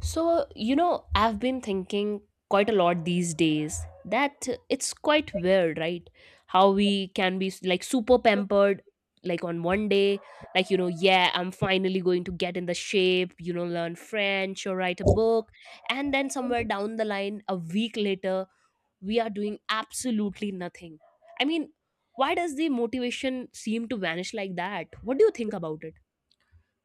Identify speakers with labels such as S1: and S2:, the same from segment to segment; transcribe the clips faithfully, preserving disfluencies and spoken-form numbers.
S1: So, you know, I've been thinking quite a lot these days that it's quite weird, right? How we can be like super pampered, like on one day, like, you know, yeah, I'm finally going to get in the shape, you know, learn French or write a book. And then somewhere down the line, a week later, we are doing absolutely nothing. I mean, why does the motivation seem to vanish like that? What do you think about it?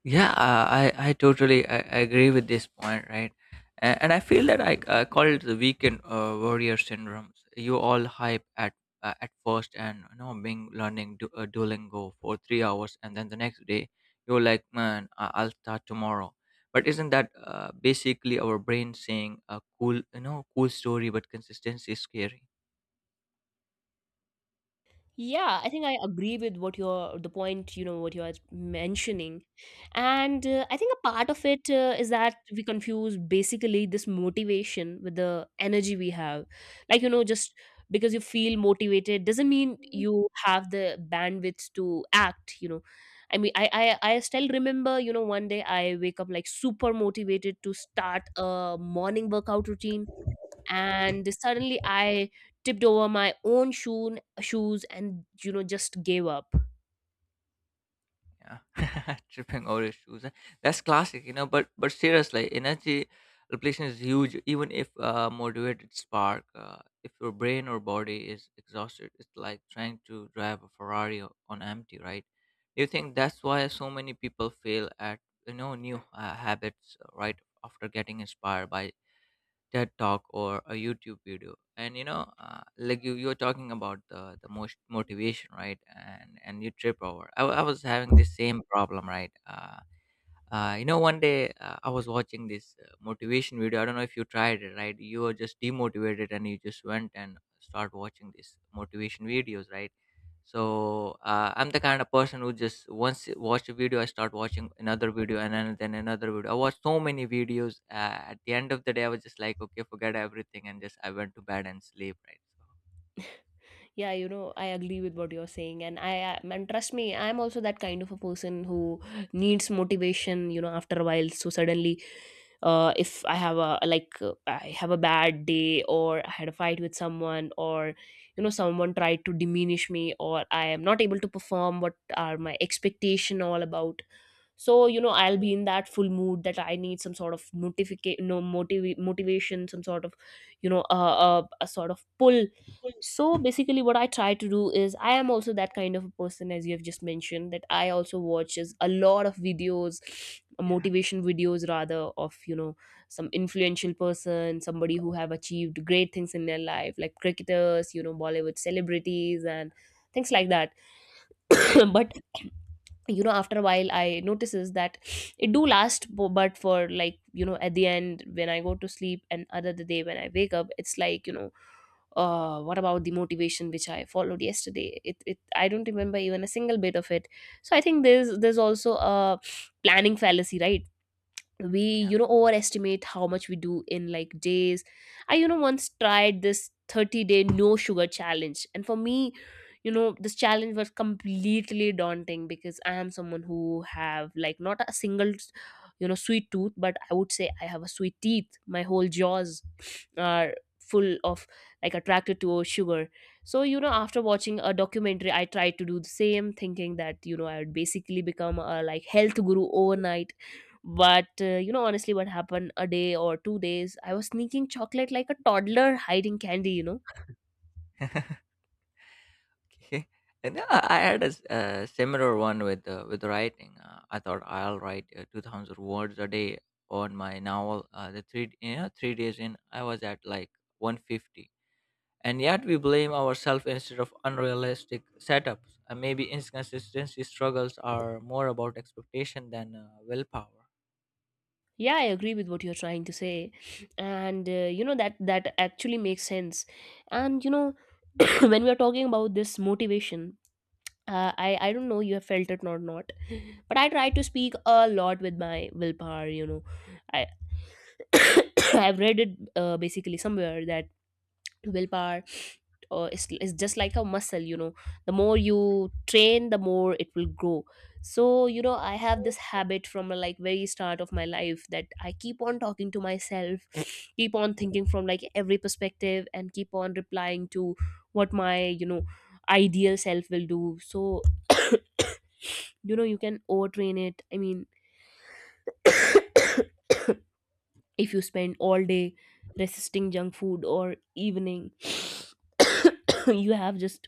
S2: Yeah, uh, i i totally I, I agree with this point, right? And, and I feel that i I call it the weekend uh, warrior syndromes. You all hype at uh, at first, and you know being learning du- uh, duolingo for three hours. And then the next day you're like, "Man, I- i'll start tomorrow." But isn't that uh, basically our brain saying, "A cool you know cool story, but consistency is scary"?
S1: Yeah, I think I agree with what you're the point, you know, what you are mentioning. And uh, I think a part of it uh, is that we confuse basically this motivation with the energy we have. Like, you know, just because you feel motivated doesn't mean you have the bandwidth to act, you know. I mean, I, I, I still remember, you know, one day I wake up like super motivated to start a morning workout routine and suddenly I tipped over my own shoe shoes and you know just gave up.
S2: Yeah, tripping over his shoes, eh? That's classic, you know. But but seriously, energy depletion is huge. Even if uh, motivated spark, uh, if your brain or body is exhausted, it's like trying to drive a Ferrari o- on empty, right? Do you think that's why so many people fail at you know new uh, habits uh, right after getting inspired by TED talk or a YouTube video? And you know, uh, like you, you were talking about the the most motivation, right? And and you trip over. I, wa- I was having the same problem, right? Uh, uh, you know, one day, uh, I was watching this uh, motivation video. I don't know if you tried it, right? You were just demotivated and you just went and start watching these motivation videos, right? So, uh, I'm the kind of person who, just once I watch a video, I start watching another video, and then, then another video. I watched so many videos. Uh, at the end of the day, I was just like, "Okay, forget everything," and just I went to bed and sleep. Right. So,
S1: Yeah, you know, I agree with what you're saying, and i I- and trust me, I'm also that kind of a person who needs motivation, you know, after a while. So suddenly, uh, if I have a like uh, I have a bad day or I had a fight with someone, or you know, someone tried to diminish me, or I am not able to perform what are my expectation all about. So you know, I'll be in that full mood that I need some sort of notification, no motiv- motivation, some sort of, you know, uh, uh, a sort of pull. So basically what I try to do is I am also that kind of a person, as you have just mentioned, that I also watches a lot of videos,
S2: yeah,
S1: motivation videos rather, of you know, some influential person, somebody who have achieved great things in their life, like cricketers, you know, Bollywood celebrities and things like that. But you know, after a while, I notices that it do last bu- but for like, you know, at the end when I go to sleep and other the day when I wake up, it's like, you know, uh what about the motivation which I followed yesterday? It, it I don't remember even a single bit of it. So I think there's there's also a planning fallacy, right? We, you know, overestimate how much we do in like days. I, you know, once tried this thirty day no sugar challenge, and for me, you know, this challenge was completely daunting because I am someone who have like not a single, you know, sweet tooth, but I would say I have a sweet teeth. My whole jaws are full of, like, attracted to sugar. So you know, after watching a documentary, I tried to do the same, thinking that you know I would basically become a like health guru overnight. But uh, you know, honestly, what happened a day or two days, I was sneaking chocolate like a toddler hiding candy, you know.
S2: yeah. Okay. And uh, I had a, s- uh similar one with uh, with writing. Uh, I thought I'll write uh, two thousand words a day on my novel. Uh, the three you know three days in, I was at like one fifty. And yet we blame ourselves instead of unrealistic setups. Uh, maybe inconsistency struggles are more about expectation than uh, willpower.
S1: Yeah, I agree with what you're trying to say. And uh, you know, that that actually makes sense. And you know, when we are talking about this motivation, uh, I I don't know you have felt it or not, but I try to speak a lot with my willpower. You know, I I've read it uh, basically somewhere that willpower uh, is is just like a muscle. You know, the more you train, the more it will grow. So you know, I have this habit from a, like very start of my life, that I keep on talking to myself, keep on thinking from like every perspective, and keep on replying to what my, you know, ideal self will do. So you know, you can overtrain it, I mean, if you spend all day resisting junk food or evening you have just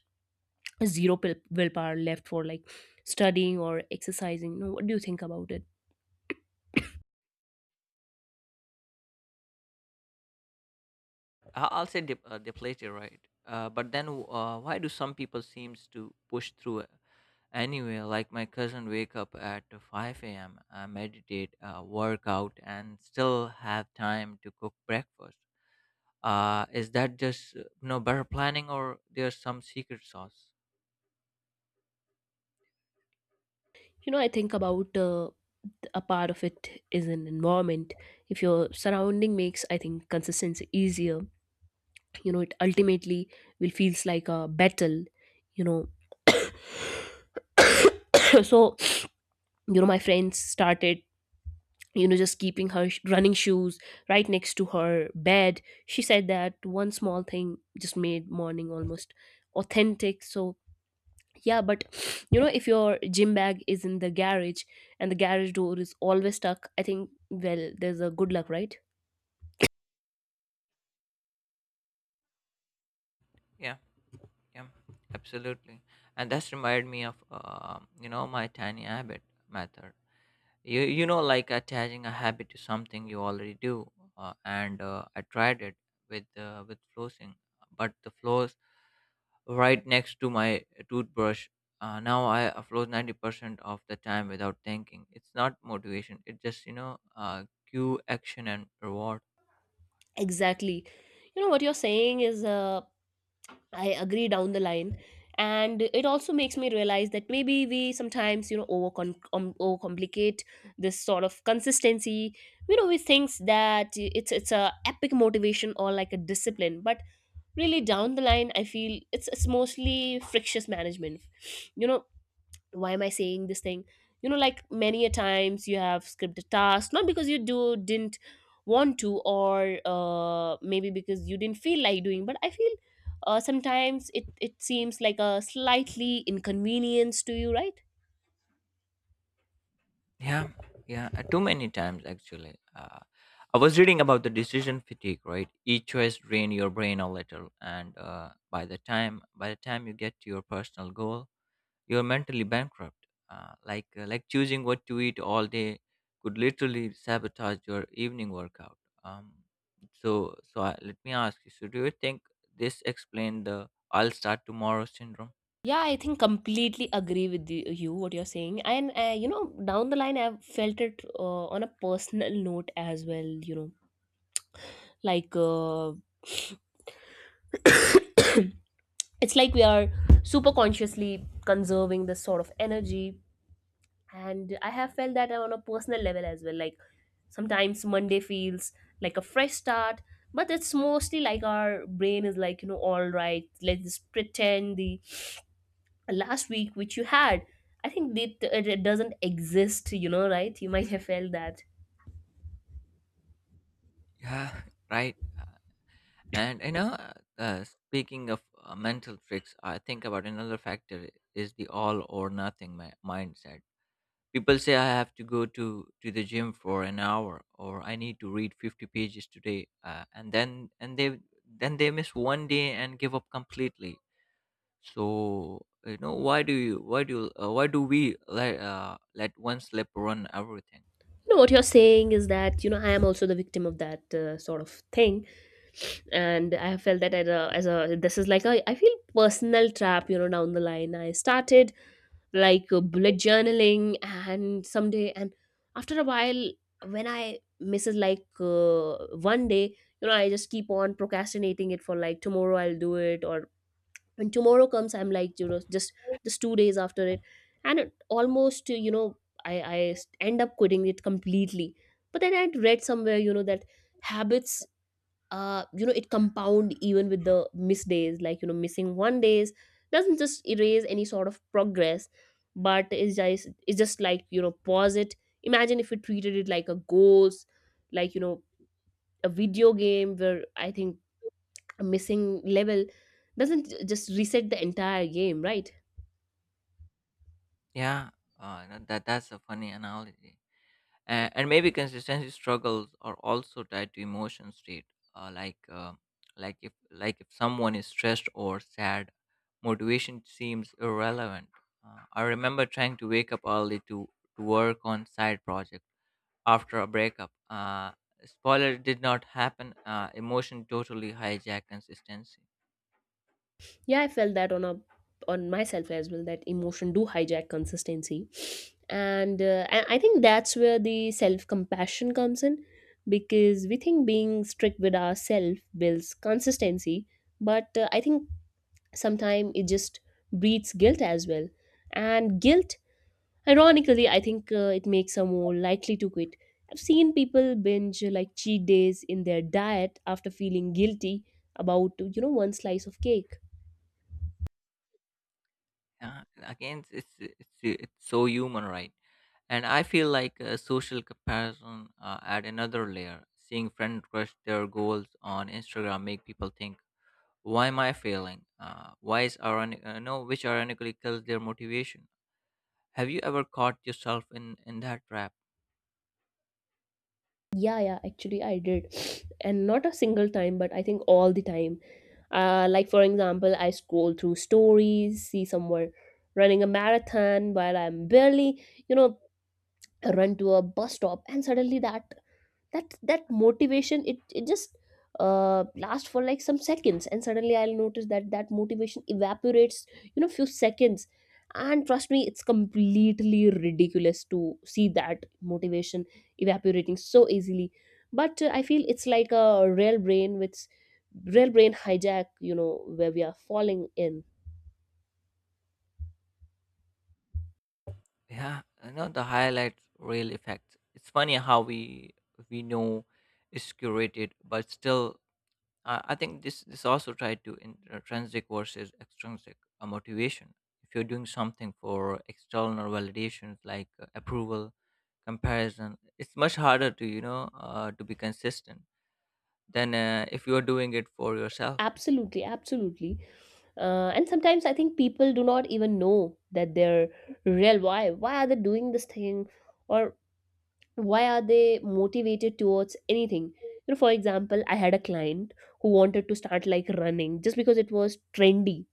S1: zero will- willpower left for like studying or exercising. No, what do you think about it?
S2: I- I'll say dep uh, deflated, right? Uh, but then, uh, why do some people seems to push through it? Anyway, like my cousin wake up at five a m, uh, meditate, uh, work out, and still have time to cook breakfast. Uh, is that just uh, you know better planning, or there's some secret sauce?
S1: You know, I think about uh, a part of it is an environment. If your surrounding makes, I think, consistency easier, you know, it ultimately will feels like a battle, you know. So you know, my friends started, you know, just keeping her sh- running shoes right next to her bed. She said that one small thing just made morning almost authentic. So yeah, but you know, if your gym bag is in the garage and the garage door is always stuck, I think, well, there's a good luck, right?
S2: Yeah, yeah, absolutely. And that's reminded me of um, you know my tiny habit method. you you know like attaching a habit to something you already do, uh, and uh, I tried it with uh, with flossing. But the floss right next to my toothbrush. Uh, now I uh, flows ninety percent of the time without thinking. It's not motivation, it just you know uh, cue, action, and reward.
S1: Exactly. You know what you're saying is, uh, I agree down the line. And it also makes me realize that maybe we sometimes, you know, overcom- um, overcomplicate this sort of consistency. You know, we think that it's it's a epic motivation or like a discipline, but really down the line I feel it's it's mostly frictious management. You know, why am I saying this thing? You know, like many a times you have scripted tasks, not because you do didn't want to, or uh, maybe because you didn't feel like doing, but I feel uh, sometimes it it seems like a slightly inconvenience to you, right?
S2: Yeah, yeah, uh, too many times, actually. uh, I was reading about the decision fatigue, right? Each choice drain your brain a little, and uh, by the time by the time you get to your personal goal, you're mentally bankrupt. Uh, like uh, like choosing what to eat all day could literally sabotage your evening workout. Um, so so I, let me ask you. So do you think this explain the "I'll start tomorrow" syndrome?
S1: Yeah, I think completely agree with you, you what you're saying. And uh, you know, down the line, I've felt it uh, on a personal note as well. You know, like uh, it's like we are super consciously conserving this sort of energy. And I
S2: Yeah.
S1: have felt that on a personal level as well. Like sometimes Monday feels like a fresh start, but it's mostly like our brain is like, you know, all right, let's just pretend the last week which you had, I think it, it it doesn't exist, you know, right? You might have felt that.
S2: Yeah. Right. Uh, and you know, uh, uh, speaking of uh, mental tricks, I think about another factor is the all or nothing mi- mindset People say I have to go to, to the gym for an hour, or I need to read fifty pages today, uh, and then and they then they miss one day and give up completely. So you know why do you why do uh, why do we let uh, let one slip run everything?
S1: No, what you're saying is that, you know, I am also the victim of that uh, sort of thing. And I have felt that as a, as a this is like a, I feel, personal trap. You know, down the line I started, like, uh, bullet journaling and someday, and after a while, when I misses like uh, one day, you know, I just keep on procrastinating it for like tomorrow I'll do it, or when tomorrow comes I'm like, you know, just just two days after it, and it almost, you know, i i end up quitting it completely. But then I'd read somewhere, you know, that habits, uh, you know, it compound even with the missed days, like, you know, missing one days doesn't just erase any sort of progress, but it's just it's just like, you know, pause it. Imagine if we treated it like a ghost, like, you know, a video game where I think a missing level doesn't j- just reset the entire game, right?
S2: Yeah, uh, you know, that that's a funny analogy. and, and maybe consistency struggles are also tied to emotion state, uh, like uh, like if like if someone is stressed or sad, motivation seems irrelevant. uh, I remember trying to wake up early to to work on side project after a breakup. Uh, spoiler, it did not happen. Uh, emotion totally hijacked consistency.
S1: Yeah, I felt that on a on myself as well, that emotion do hijack consistency. And uh, i I think that's where the self compassion comes in, because we think being strict with ourselves builds consistency. But uh, I think sometimes it just breeds guilt as well. And guilt, ironically, I think uh, it makes her more likely to quit. I've seen people binge uh, like cheat days in their diet after feeling guilty about, you know, one slice of cake.
S2: Yeah, again, it's it's it's so human, right? And I feel like uh, social comparison uh, add another layer. Seeing friends crush their goals on Instagram make people think, "Why am I failing? Uh, why is ironic? Uh, no, which ironically kills their motivation." Have you ever caught yourself in in that trap?
S1: Yeah, yeah, actually, I did. And not a single time, but I think all the time. Uh, like, for example, I scroll through stories, see someone running a marathon while I'm barely, you know, run to a bus stop, and suddenly that that that motivation it, it just uh lasts for like some seconds, and suddenly I'll notice that that motivation evaporates, you know, few seconds. And trust me, it's completely ridiculous to see that motivation evaporating so easily. But uh, I feel it's like a real brain which, real brain hijack, you know, where we are falling in.
S2: Yeah, you know the highlights real effects. It's funny how we we know it's curated, but still uh, I think this this also tied to intrinsic versus extrinsic uh, motivation. If you're doing something for external validations, like uh, approval, comparison, it's much harder to you know uh, to be consistent than uh, if you're doing it for yourself.
S1: Absolutely, absolutely. Uh, and sometimes I think people do not even know that they're real. Why? Why are they doing this thing? Or why are they motivated towards anything? You know, for example, I had a client who wanted to start like running just because it was trendy,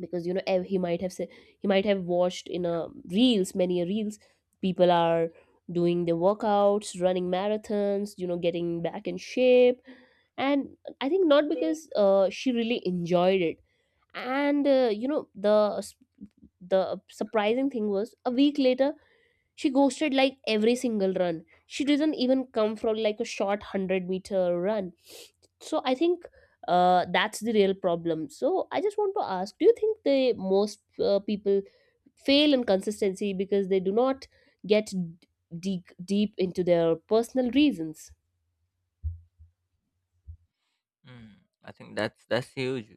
S1: because you know ev- he might have said, he might have watched in a reels, many a reels, people are doing their workouts, running marathons, you know, getting back in shape. And I think not because uh, she really enjoyed it. And uh, you know, the the surprising thing was a week later she ghosted like every single run. She doesn't even come from like a short one hundred meter run. So I think uh, that's the real problem. So I just want to ask, do you think the most uh, people fail in consistency because they do not get deep deep into their personal reasons?
S2: mm, I think that's that's huge.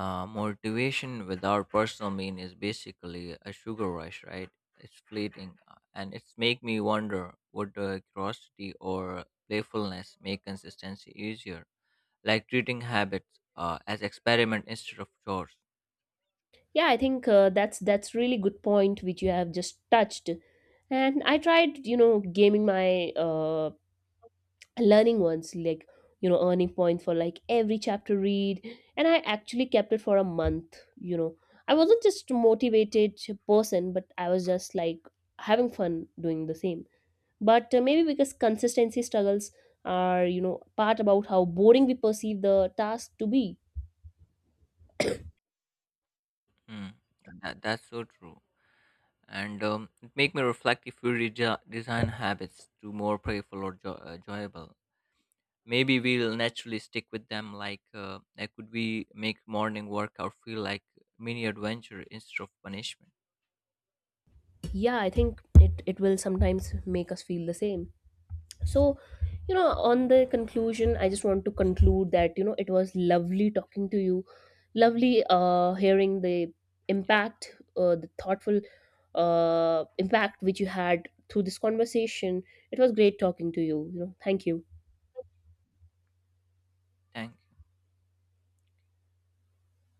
S2: uh, Motivation without personal mean is basically a sugar rush, right? It's fleeting, uh, and it's make me wonder, would uh, curiosity or playfulness make consistency easier, like treating habits uh, as experiment instead of chores?
S1: Yeah, I think uh, that's that's really good point which you have just touched. And I tried, you know, gaming my uh, learning ones, like, you know, earning points for like every chapter read. And I actually kept it for a month, you know. I wasn't just motivated person, but I was just like having fun doing the same. But uh, maybe because consistency struggles are, you know, part about how boring we perceive the task to be.
S2: Hmm. That, that's so true. And um, it make me reflect, if we reja design habits to more playful or jo- uh, enjoyable. Maybe we'll naturally stick with them. Like, uh, like could we make morning workout feel like mini adventure instead of punishment?
S1: Yeah, I think it,
S2: Yeah.
S1: it will sometimes make us feel the same. So you know, on the conclusion, I just want to conclude that, you know, it was lovely talking to you, lovely uh hearing the impact, uh, the thoughtful uh impact which you had through this conversation. It was great talking to you, you know, thank you.
S2: Thanks.